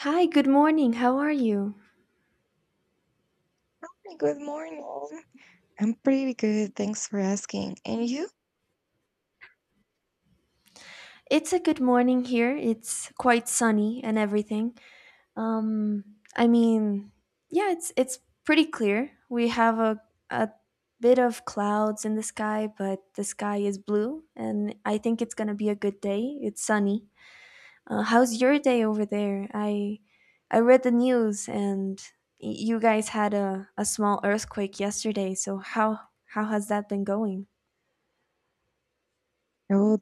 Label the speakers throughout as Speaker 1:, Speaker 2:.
Speaker 1: Hi, good morning. How are you?
Speaker 2: Hi, good morning. I'm pretty good. Thanks for asking. And you?
Speaker 1: It's a good morning here. It's quite sunny and everything. Um, I mean, yeah, it's pretty clear. We have a bit of clouds in the sky, but the sky is blue, and I think it's gonna be a good day. It's sunny. How's your day over there? I read the news, and you guys had a small earthquake yesterday. So how has that been going?
Speaker 2: Oh,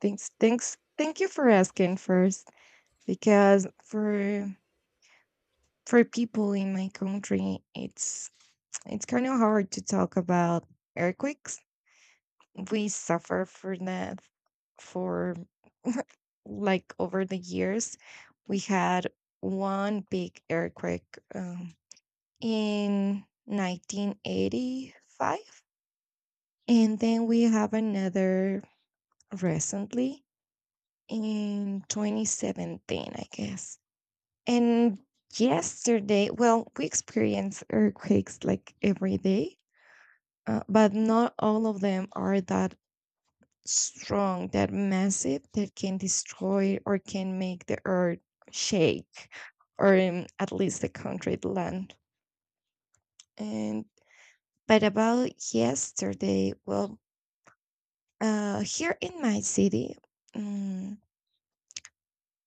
Speaker 2: thank you for asking first, because for people in my country, it's kind of hard to talk about earthquakes. We suffer for that for like over the years. We had one big earthquake in 1985. And then we have another recently in 2017, I guess. And yesterday, well, we experience earthquakes like every day, but not all of them are that strong, that massive, that can destroy or can make the earth shake, or at least the country land. And but about yesterday, well, here in my city, mm,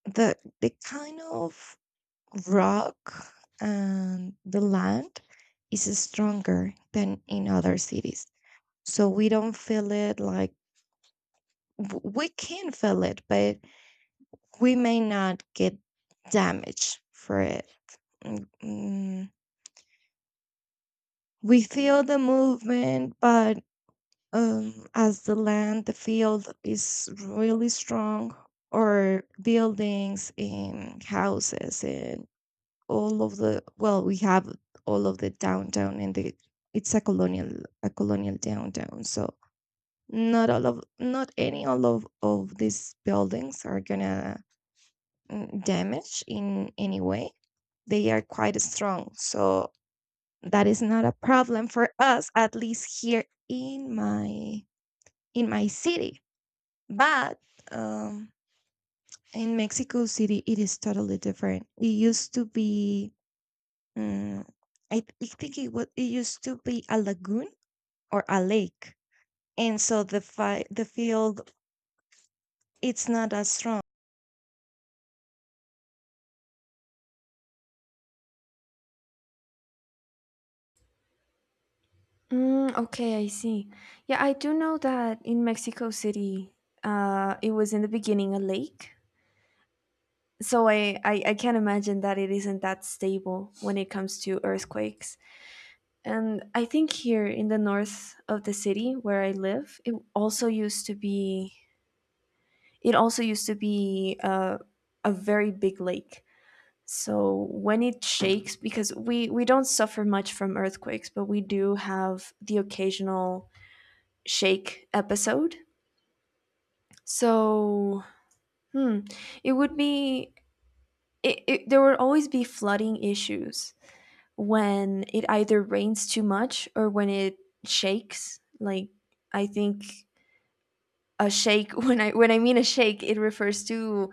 Speaker 2: the kind of rock and the land is stronger than in other cities, so we don't feel it like, we can feel it, but we may not get damage for it. Mm, mm. We feel the movement, but as the land, the field is really strong, or buildings in houses and all of the, well, we have all of the downtown, and the, it's a colonial, a colonial downtown. So not any all of these buildings are gonna, damage in any way. They are quite strong, so that is not a problem for us, at least here in my, in my city. But um, in Mexico City, it is totally different. It used to be, mm, I think it was, it used to be a lagoon or a lake, and so the field, it's not as strong.
Speaker 1: Mm, okay, I see. Yeah, I do know that in Mexico City, it was in the beginning a lake. So I can't imagine that it isn't that stable when it comes to earthquakes. And I think here in the north of the city where I live, it also used to be it also used to be uh, a very big lake. So when it shakes, because we don't suffer much from earthquakes, but we do have the occasional shake episode. So, hmm, it would be there would always be flooding issues when it either rains too much or when it shakes. Like, I think a shake when I mean a shake, it refers to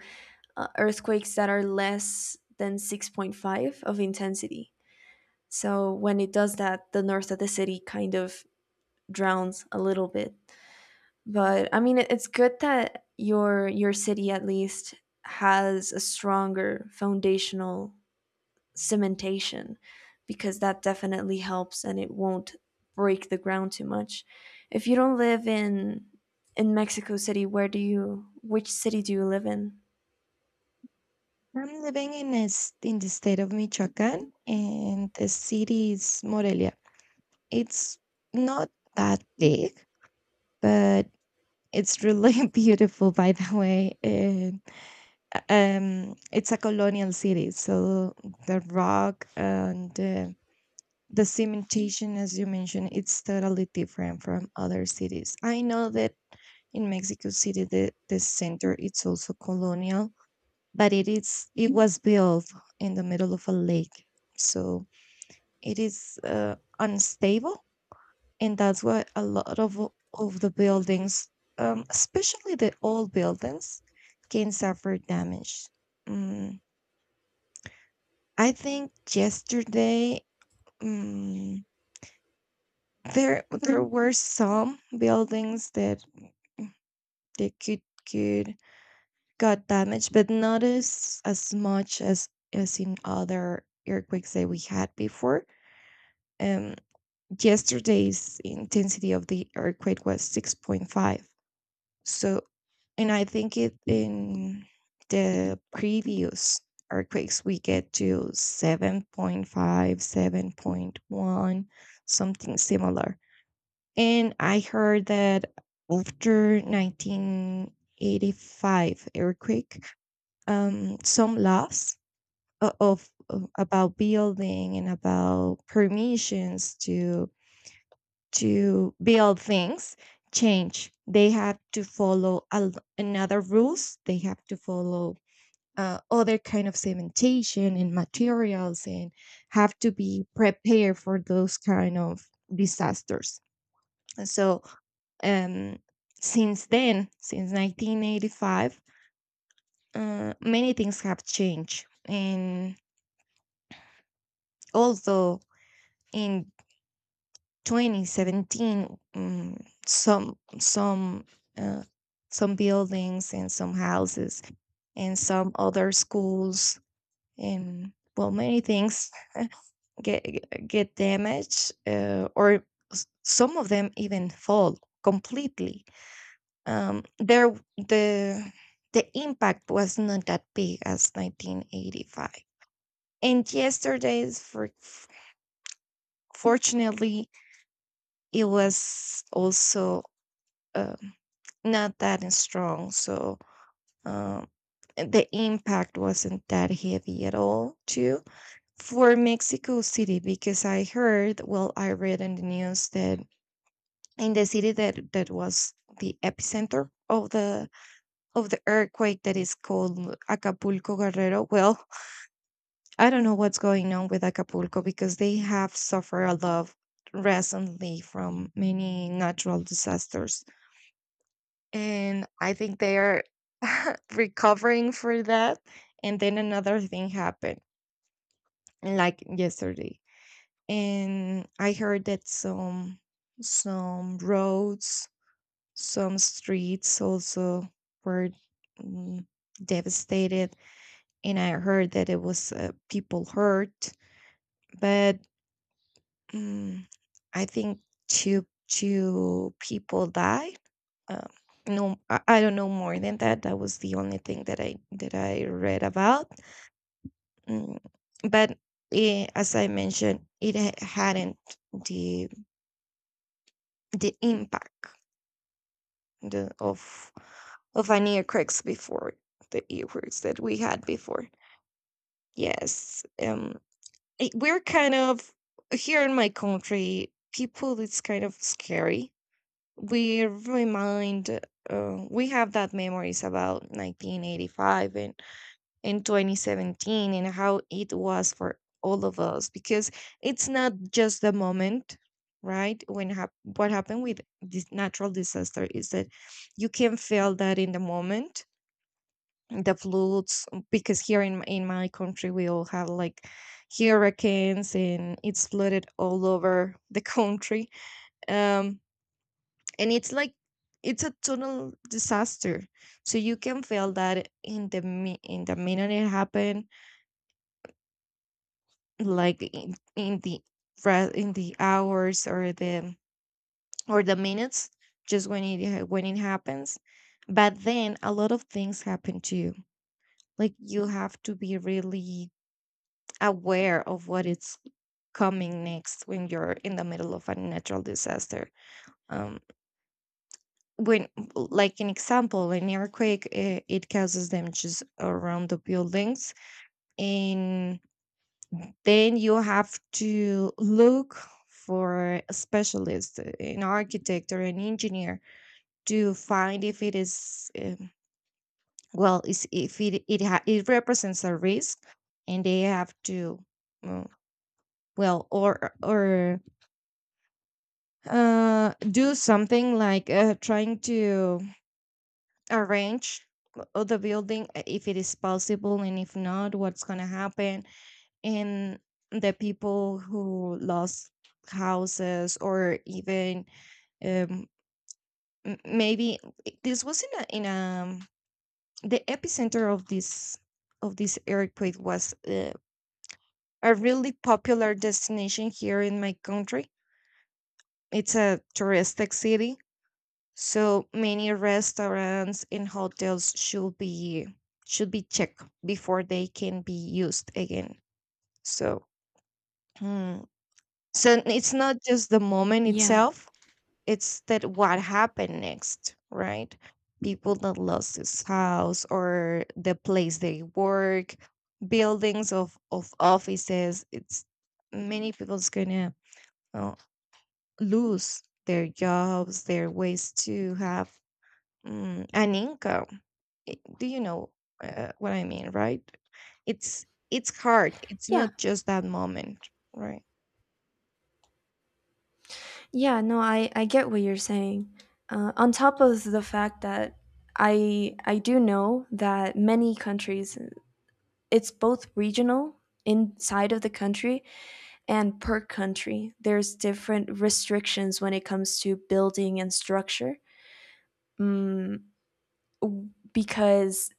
Speaker 1: earthquakes that are less than 6.5 of intensity. So when it does that, the north of the city kind of drowns a little bit. But I mean, it's good that your city at least has a stronger foundational cementation, because that definitely helps and it won't break the ground too much. If you don't live in Mexico City, where do you which city do you live in?
Speaker 2: I'm living in a s, in the state of Michoacán, and the city is Morelia. It's not that big, but it's really beautiful, by the way. And it's a colonial city, so the rock and the cementation, as you mentioned, it's totally different from other cities. I know that in Mexico City, the center, it's also colonial, but it was built in the middle of a lake, so it is unstable, and that's why a lot of the buildings, especially the old buildings, can suffer damage. Mm, I think yesterday, mm, there were some buildings that they could got damaged, but not as much as in other earthquakes that we had before. Um, Yesterday's intensity of the earthquake was 6.5. So, and I think it, in the previous earthquakes, we get to 7.5, 7.1, something similar. And I heard that after 1985 earthquake, some laws of about building and about permissions to build things change. They have to follow another rules. They have to follow other kind of cementation and materials, and have to be prepared for those kind of disasters. So um, since then, since 1985, many things have changed. And although in 2017, some some uh, some buildings and some houses and some other schools and, well, many things get get damaged, or some of them even fall completely. There, the the impact was not that big as 1985. And yesterday's, for fortunately, it was also, um, not that strong, so um, the impact wasn't that heavy at all too for Mexico City, because I heard, well, I read in the news that in the city that, that was the epicenter of the, of the earthquake, that is called Acapulco Guerrero. Well, I don't know what's going on with Acapulco, because they have suffered a lot recently from many natural disasters. And I think they are recovering for that. And then another thing happened, like yesterday. And I heard that some roads, some streets also were, mm, devastated, and I heard that it was, people hurt, but, mm, I think two people died. Um, no, I don't know more than that. That was the only thing that I read about. Mm, but as I mentioned, it hadn't the the impact, the, of an earthquakes before, the earthquakes that we had before. Yes, I, we're kind of, here in my country, people, it's kind of scary. We remind, we have that memories about 1985 and 2017, and how it was for all of us, because it's not just the moment right when what happened with this natural disaster is that you can feel that in the moment, the floods, because here in my country, we all have like hurricanes, and it's flooded all over the country. um and it's like, it's a total disaster. So you can feel that in in the minute it happened, like in the in the hours or the, or the minutes, just when it when it happens. But then a lot of things happen to you, like you have to be really aware of what is coming next when you're in the middle of a natural disaster. Um, when, like an example, an earthquake, it causes damages around the buildings, and then you have to look for a specialist, an architect or an engineer, to find if it is, well, is, if it, it represents a risk, and they have to, uh, well, or, do something like, trying to arrange the building, if it is possible, and if not, what's gonna happen. And the people who lost houses or even, um maybe, this was in a, in a, the epicenter of this, of this earthquake was, a really popular destination here in my country. It's a touristic city. So many restaurants and hotels should be, should be checked before they can be used again. So, hmm, so it's not just the moment
Speaker 1: Yeah.
Speaker 2: itself; it's that what happened next, right? People that lost his house or the place they work, buildings of offices. It's many people's gonna, uh, lose their jobs, their ways to have, mm, an income. Eh, do you know, what I mean, right? It's hard. It's
Speaker 1: Yeah.
Speaker 2: not just that moment, right?
Speaker 1: Yeah, no, I get what you're saying. On top of the fact that I do know that many countries, it's both regional inside of the country and per country, there's different restrictions when it comes to building and structure. mm, because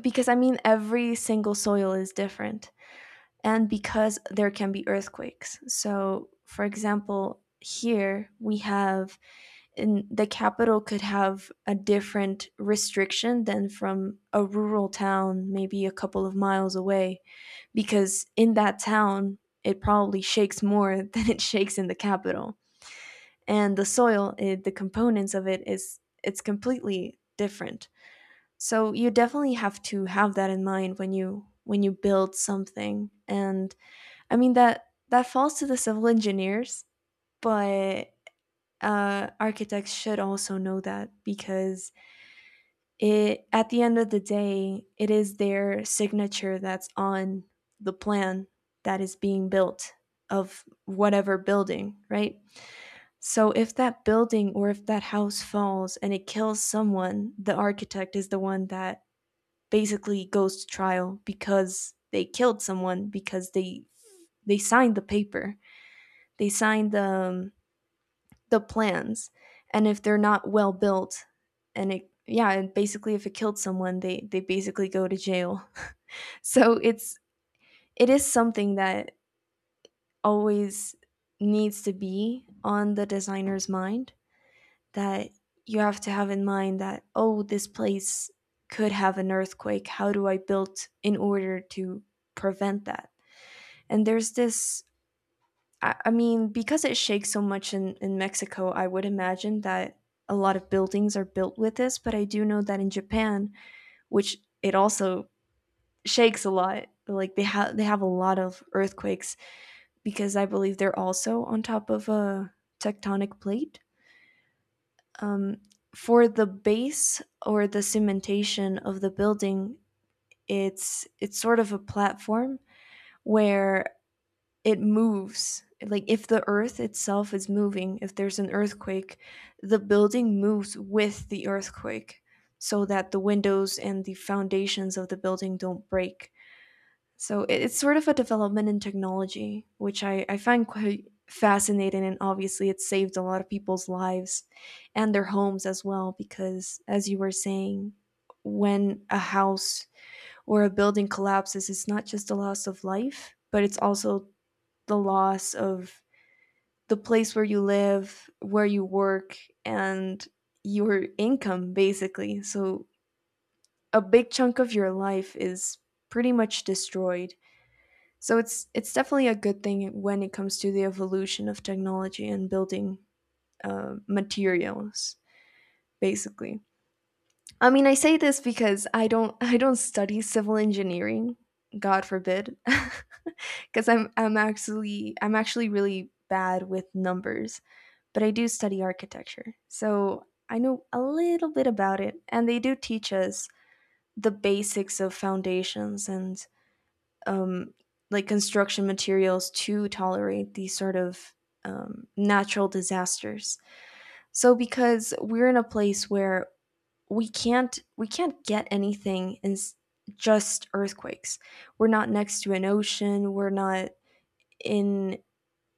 Speaker 1: I mean, every single soil is different, and because there can be earthquakes. So for example, here we have, in the capital, could have a different restriction than from a rural town maybe a couple of miles away, because in that town it probably shakes more than it shakes in the capital. And the soil, the components of it is it's completely different. So you definitely have to have that in mind when you build something. And I mean, that falls to the civil engineers. But architects should also know that, because it at the end of the day, it is their signature that's on the plan that is being built, of whatever building, right? So if that building or if that house falls and it kills someone, the architect is the one that basically goes to trial because they killed someone, because they signed the paper, they signed the plans. And if they're not well built, and it yeah, and basically if it killed someone, they basically go to jail. So it's it is something that always needs to be on the designer's mind, that you have to have in mind that, oh, this place could have an earthquake, how do I build in order to prevent that. And there's this, I mean, because it shakes so much in Mexico, I would imagine that a lot of buildings are built with this, but I do know that in Japan, which it also shakes a lot, like they have a lot of earthquakes, because I believe they're also on top of a tectonic plate. Um, for the base or the cementation of the building, it's sort of a platform where it moves, like if the earth itself is moving, if there's an earthquake, the building moves with the earthquake, so that the windows and the foundations of the building don't break. So it's sort of a development in technology, which I find quite fascinating, and obviously it saved a lot of people's lives and their homes as well. Because as you were saying, when a house or a building collapses, it's not just a loss of life, but it's also the loss of the place where you live, where you work, and your income, basically. So a big chunk of your life is pretty much destroyed. So it's definitely a good thing when it comes to the evolution of technology and building materials, basically. I mean, I say this because I don't I don't study civil engineering, God forbid, because I'm actually really bad with numbers. But I do study architecture. So I know a little bit about it, and they do teach us the basics of foundations and um, like construction materials to tolerate these sort of natural disasters. So because we're in a place where we can't get anything in just earthquakes. We're not next to an ocean. We're not in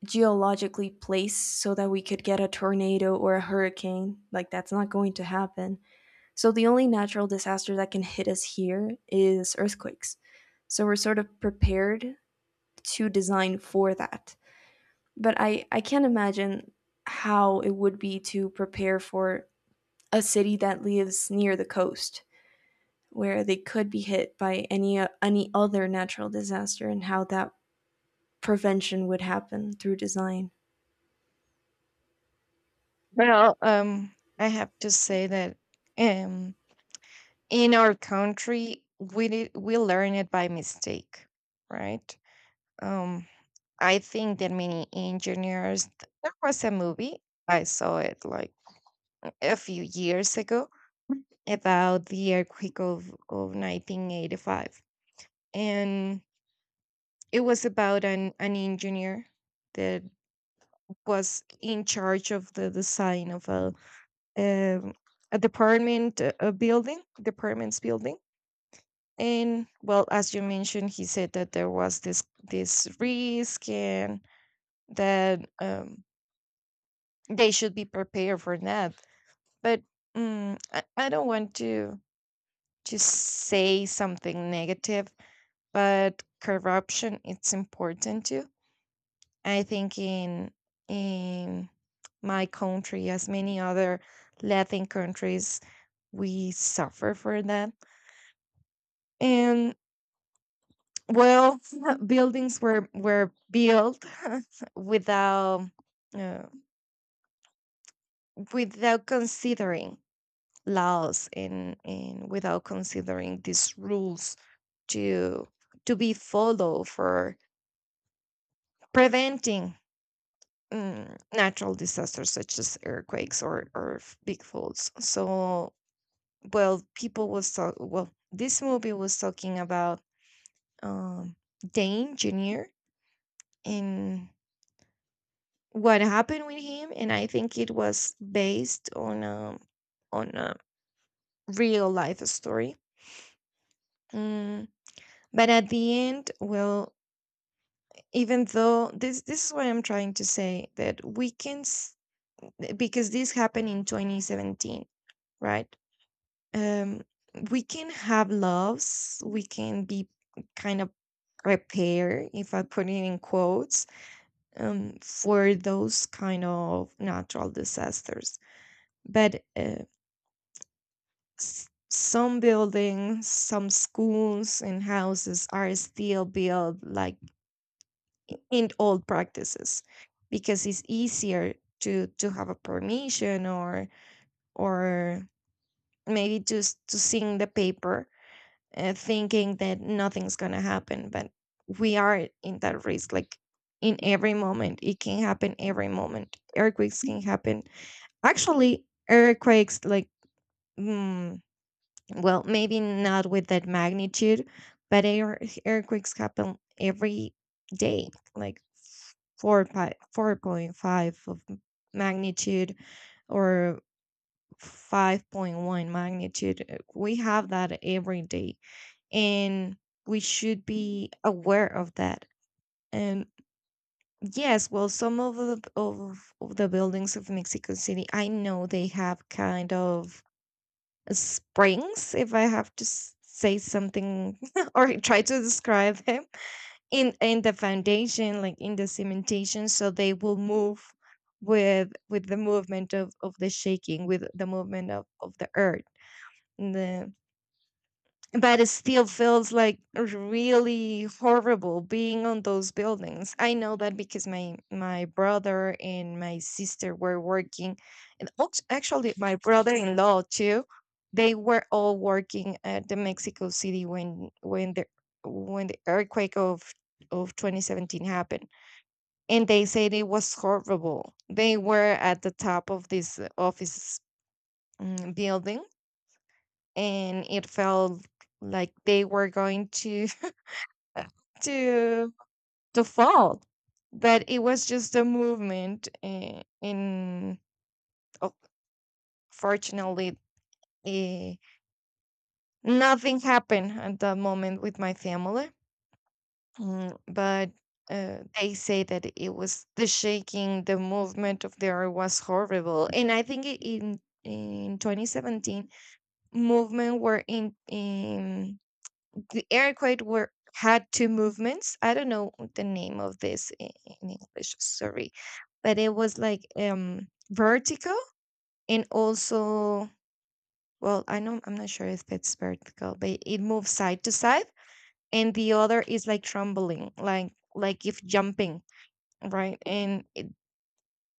Speaker 1: geologically placed so that we could get a tornado or a hurricane. Like, that's not going to happen. So the only natural disaster that can hit us here is earthquakes. So we're sort of prepared to design for that. But I can't imagine how it would be to prepare for a city that lives near the coast, where they could be hit by any other natural disaster, and how that prevention would happen through design.
Speaker 2: Well, I have to say that, um, in our country, we did, we learn it by mistake, right? Um, I think that many engineers. There was a movie I saw it like a few years ago about the earthquake of 1985, and it was about an engineer that was in charge of the design of a, um, a department, a building, departments building. And well, as you mentioned, he said that there was this, this risk, and that, they should be prepared for that. But I don't want to say something negative, but corruption, it's important too. I think in my country, as many other Latin countries, we suffer for that. And well, buildings were built without, uh, without considering laws and without considering these rules to to be followed for preventing, mm, natural disasters such as earthquakes, or, big floods. So, well, people was talk, well, this movie was talking about, um Dane Junior, and what happened with him. And I think it was based on a, on a real life story. Mm, but at the end, well, even though this is what I'm trying to say, that we can because this happened in 2017, right? um we can have loves, we can be kind of repair, if I put it in quotes, for those kind of natural disasters. But some buildings, some schools and houses are still built like in old practices because it's easier to have a permission, or maybe just to seeing the paper, thinking that nothing's going to happen. But we are in that risk, like in every moment it can happen, every moment earthquakes can happen. Actually earthquakes, like, mm, well, maybe not with that magnitude, but earthquakes happen every day, like 4.5 of magnitude or 5.1 magnitude. We have that every day, and we should be aware of that. And yes, well, some of the of the buildings of Mexico City, I know they have kind of springs, if I have to say something, or try to describe them, in the foundation, like in the cementation, so they will move with the movement of the shaking, with the movement of the earth. And the But it still feels like really horrible being on those buildings. I know that because my brother and my sister were working, and actually my brother-in-law too. They were all working at the Mexico City when when the earthquake of 2017 happened, and they said it was horrible. They were at the top of this office, building, and it felt like they were going to to fall, but it was just a movement oh, fortunately uh, nothing happened at that moment with my family. But they say that it was the shaking, the movement of the earth was horrible. And I think in 2017, movement were in the aircraft were had two movements. I don't know the name of this in English. Sorry, but it was like vertical, and also, well, I know I'm not sure if it's vertical, but it moves side to side, and the other is like trembling, like if jumping, right? And it,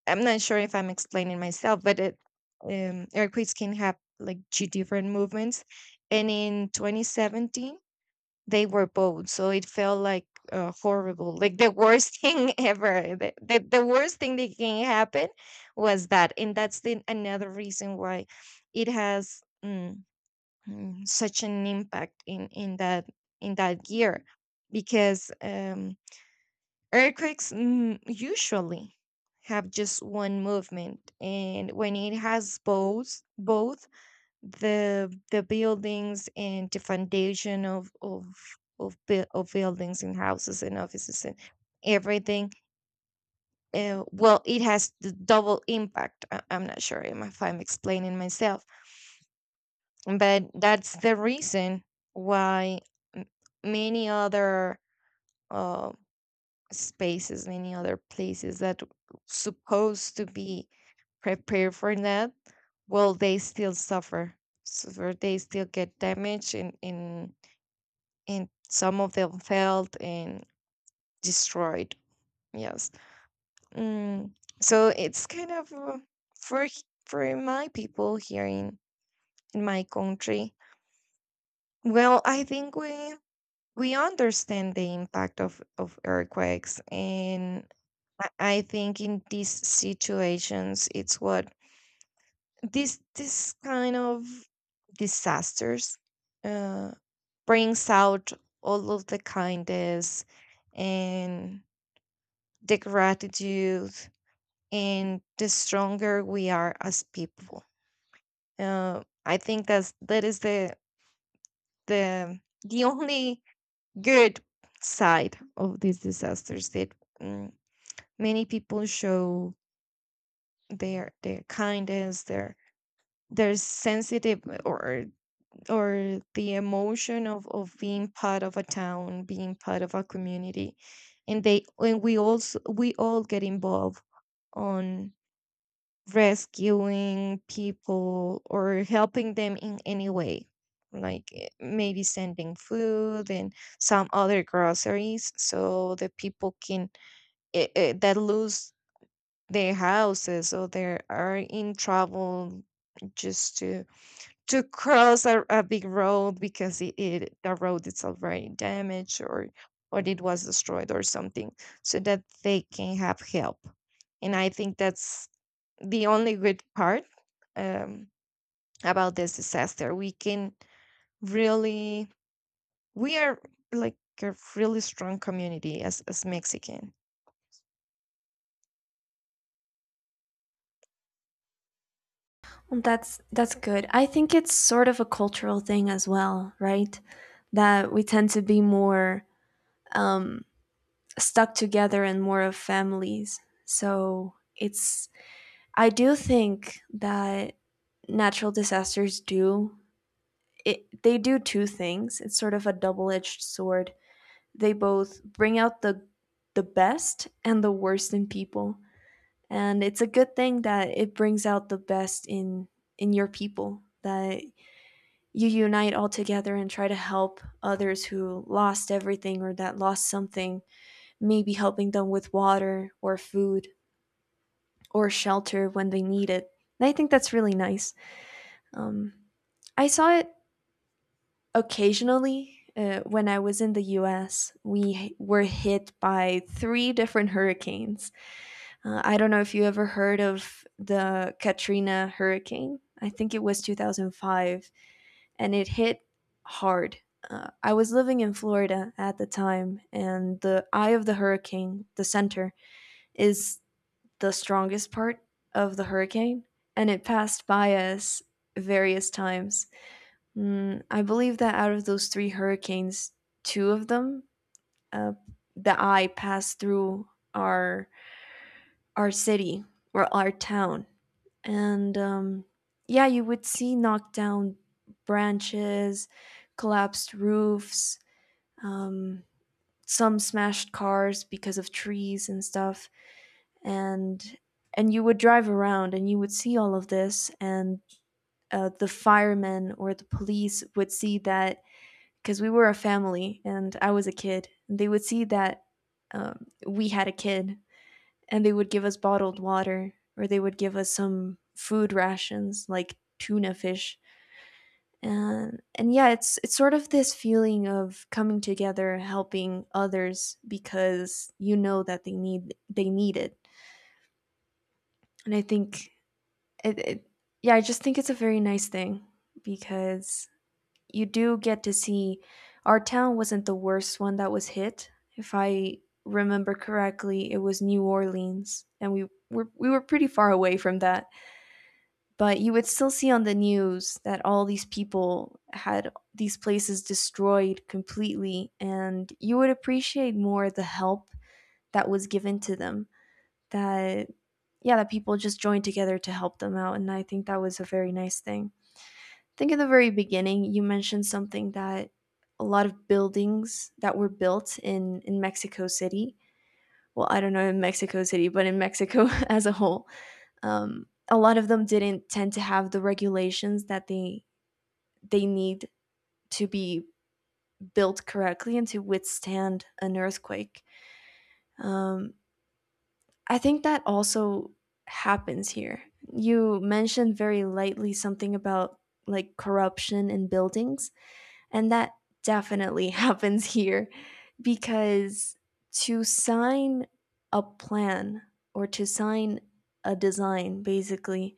Speaker 2: I'm not sure if I'm explaining myself, but it aircranes can have like two different movements, and in 2017 they were both, so it felt like horrible, like the worst thing ever, the worst thing that can happen was that. And that's the another reason why it has such an impact in in that year, because earthquakes usually have just one movement, and when it has both, both the buildings and the foundation of of buildings and houses and offices and everything. Well, it has the double impact. I'm not sure if I'm explaining myself, but that's the reason why m- many other uh, spaces, many other places that supposed to be prepared for that, well, they still suffer. So they still get damaged, and some of them failed and destroyed. Yes. Mm. So it's kind of for for my people here in my country. Well, I think we understand the impact of earthquakes, and I think in these situations, it's what this kind of disasters uh, brings out all of the kindness, and the gratitude, and the stronger we are as people. I think that's, that is the the only good side of these disasters, that mm, many people show their kindness, their sensitive, or or the emotion of being part of a town, being part of a community. And they, and we also, we all get involved on rescuing people or helping them in any way, like maybe sending food and some other groceries, so the people can that lose their houses, or they are in trouble, just to cross a big road because it the road is already damaged, or it was destroyed or something, so that they can have help. And I think that's the only good part um, about this disaster. We can really, we are like a really strong community as Mexican.
Speaker 1: Well, that's good. I think it's sort of a cultural thing as well, right? That we tend to be more um, stuck together and more of families. So it's I do think that natural disasters do they do two things. It's sort of a double-edged sword. They both bring out the best and the worst in people. And it's a good thing that it brings out the best in your people, that you unite all together and try to help others who lost everything or that lost something, maybe helping them with water or food or shelter when they need it. And I think that's really nice. Um, I saw it occasionally when I was in the US. We were hit by three different hurricanes. I don't know if you ever heard of the Katrina hurricane. I think it was 2005, and it hit hard. I was living in Florida at the time, and the eye of the hurricane, the center, is the strongest part of the hurricane, and it passed by us various times. Mm, I believe that out of those three hurricanes, two of them, uh, the eye passed through our our city or our town. And yeah, you would see knocked down branches, collapsed roofs, um, some smashed cars because of trees and stuff. and and you would drive around and you would see all of this, and the firemen or the police would see that, because we were a family and I was a kid, and they would see that we had a kid, and they would give us bottled water, or they would give us some food rations like tuna fish. And yeah, it's sort of this feeling of coming together, helping others because you know that they need it. And I think it yeah, I just think it's a very nice thing, because you do get to see, our town wasn't the worst one that was hit. If I remember correctly, it was New Orleans, and we were pretty far away from that. But you would still see on the news that all these people had these places destroyed completely, and you would appreciate more the help that was given to them. That yeah, that people just joined together to help them out, and I think that was a very nice thing. I think in the very beginning you mentioned something, that a lot of buildings that were built in Mexico City, well, I don't know in Mexico City, but in Mexico as a whole, a lot of them didn't tend to have the regulations that they need to be built correctly and to withstand an earthquake. Um, I think that also happens here. You mentioned very lightly something about like corruption in buildings, and that definitely happens here. Because to sign a plan or to sign a design, basically,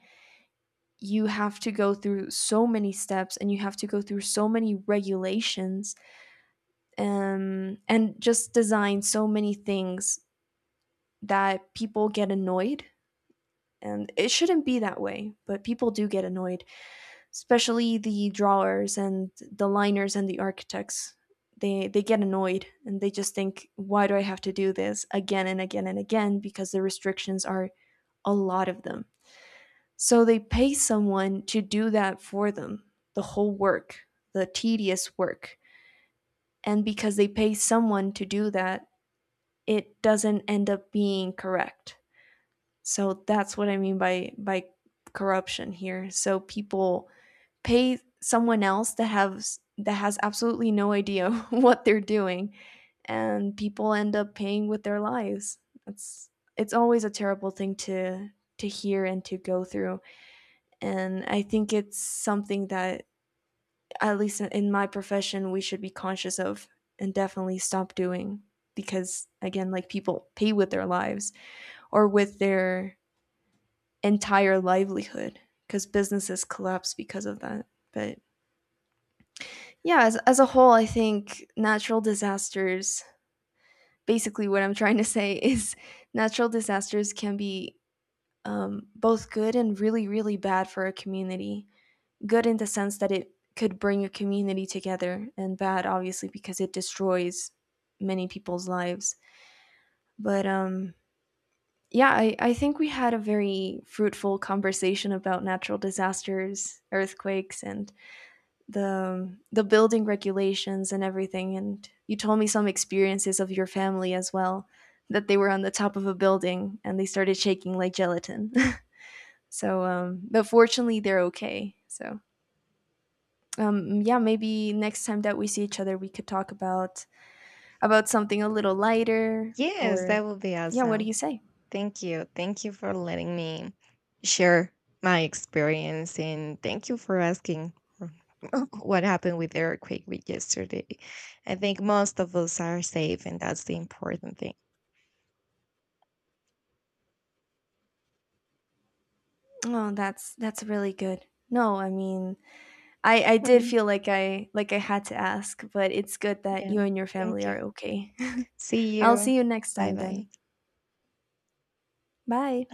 Speaker 1: you have to go through so many steps and you have to go through so many regulations, and just design so many things, that people get annoyed. And it shouldn't be that way, but people do get annoyed, especially the drawers and the liners and the architects. They get annoyed, and they just think, why do I have to do this again and again and again, because the restrictions are a lot of them. So they pay someone to do that for them, the whole work, the tedious work. And because they pay someone to do that, it doesn't end up being correct. So that's what I mean by corruption here. So people pay someone else that has absolutely no idea what they're doing, and people end up paying with their lives. It's it's always a terrible thing to hear and to go through. And I think it's something that, at least my profession, we should be conscious of and definitely stop doing. Because again, like, people pay with their lives or with their entire livelihood, because businesses collapse because of that. But yeah, as a whole, I think natural disasters, basically what I'm trying to say is, natural disasters can be both good and really really bad for a community. Good in the sense that it could bring a community together, and bad obviously because it destroys many people's lives. But yeah, I think we had a very fruitful conversation about natural disasters, earthquakes, and the building regulations and everything. And you told me some experiences of your family as well, that they were on the top of a building and they started shaking like gelatin. So but fortunately they're okay. So yeah, maybe next time that we see each other we could talk about something a little lighter
Speaker 2: Yes,
Speaker 1: or
Speaker 2: that would be
Speaker 1: yeah, what do
Speaker 2: awesome.
Speaker 1: you say?
Speaker 2: Thank you. Thank you for letting me share my experience, and thank you for asking for what happened with the earthquake we yesterday. I think most of us are safe, and that's the important thing.
Speaker 1: Oh, that's really good. No, I mean, I did
Speaker 2: Mhm.
Speaker 1: feel like I like I had to ask, but it's good that you
Speaker 2: Yeah.
Speaker 1: and your family
Speaker 2: Thank
Speaker 1: are
Speaker 2: you.
Speaker 1: okay.
Speaker 2: See
Speaker 1: I'll
Speaker 2: you.
Speaker 1: see you next
Speaker 2: Bye
Speaker 1: time, then.
Speaker 2: bye.
Speaker 1: Bye.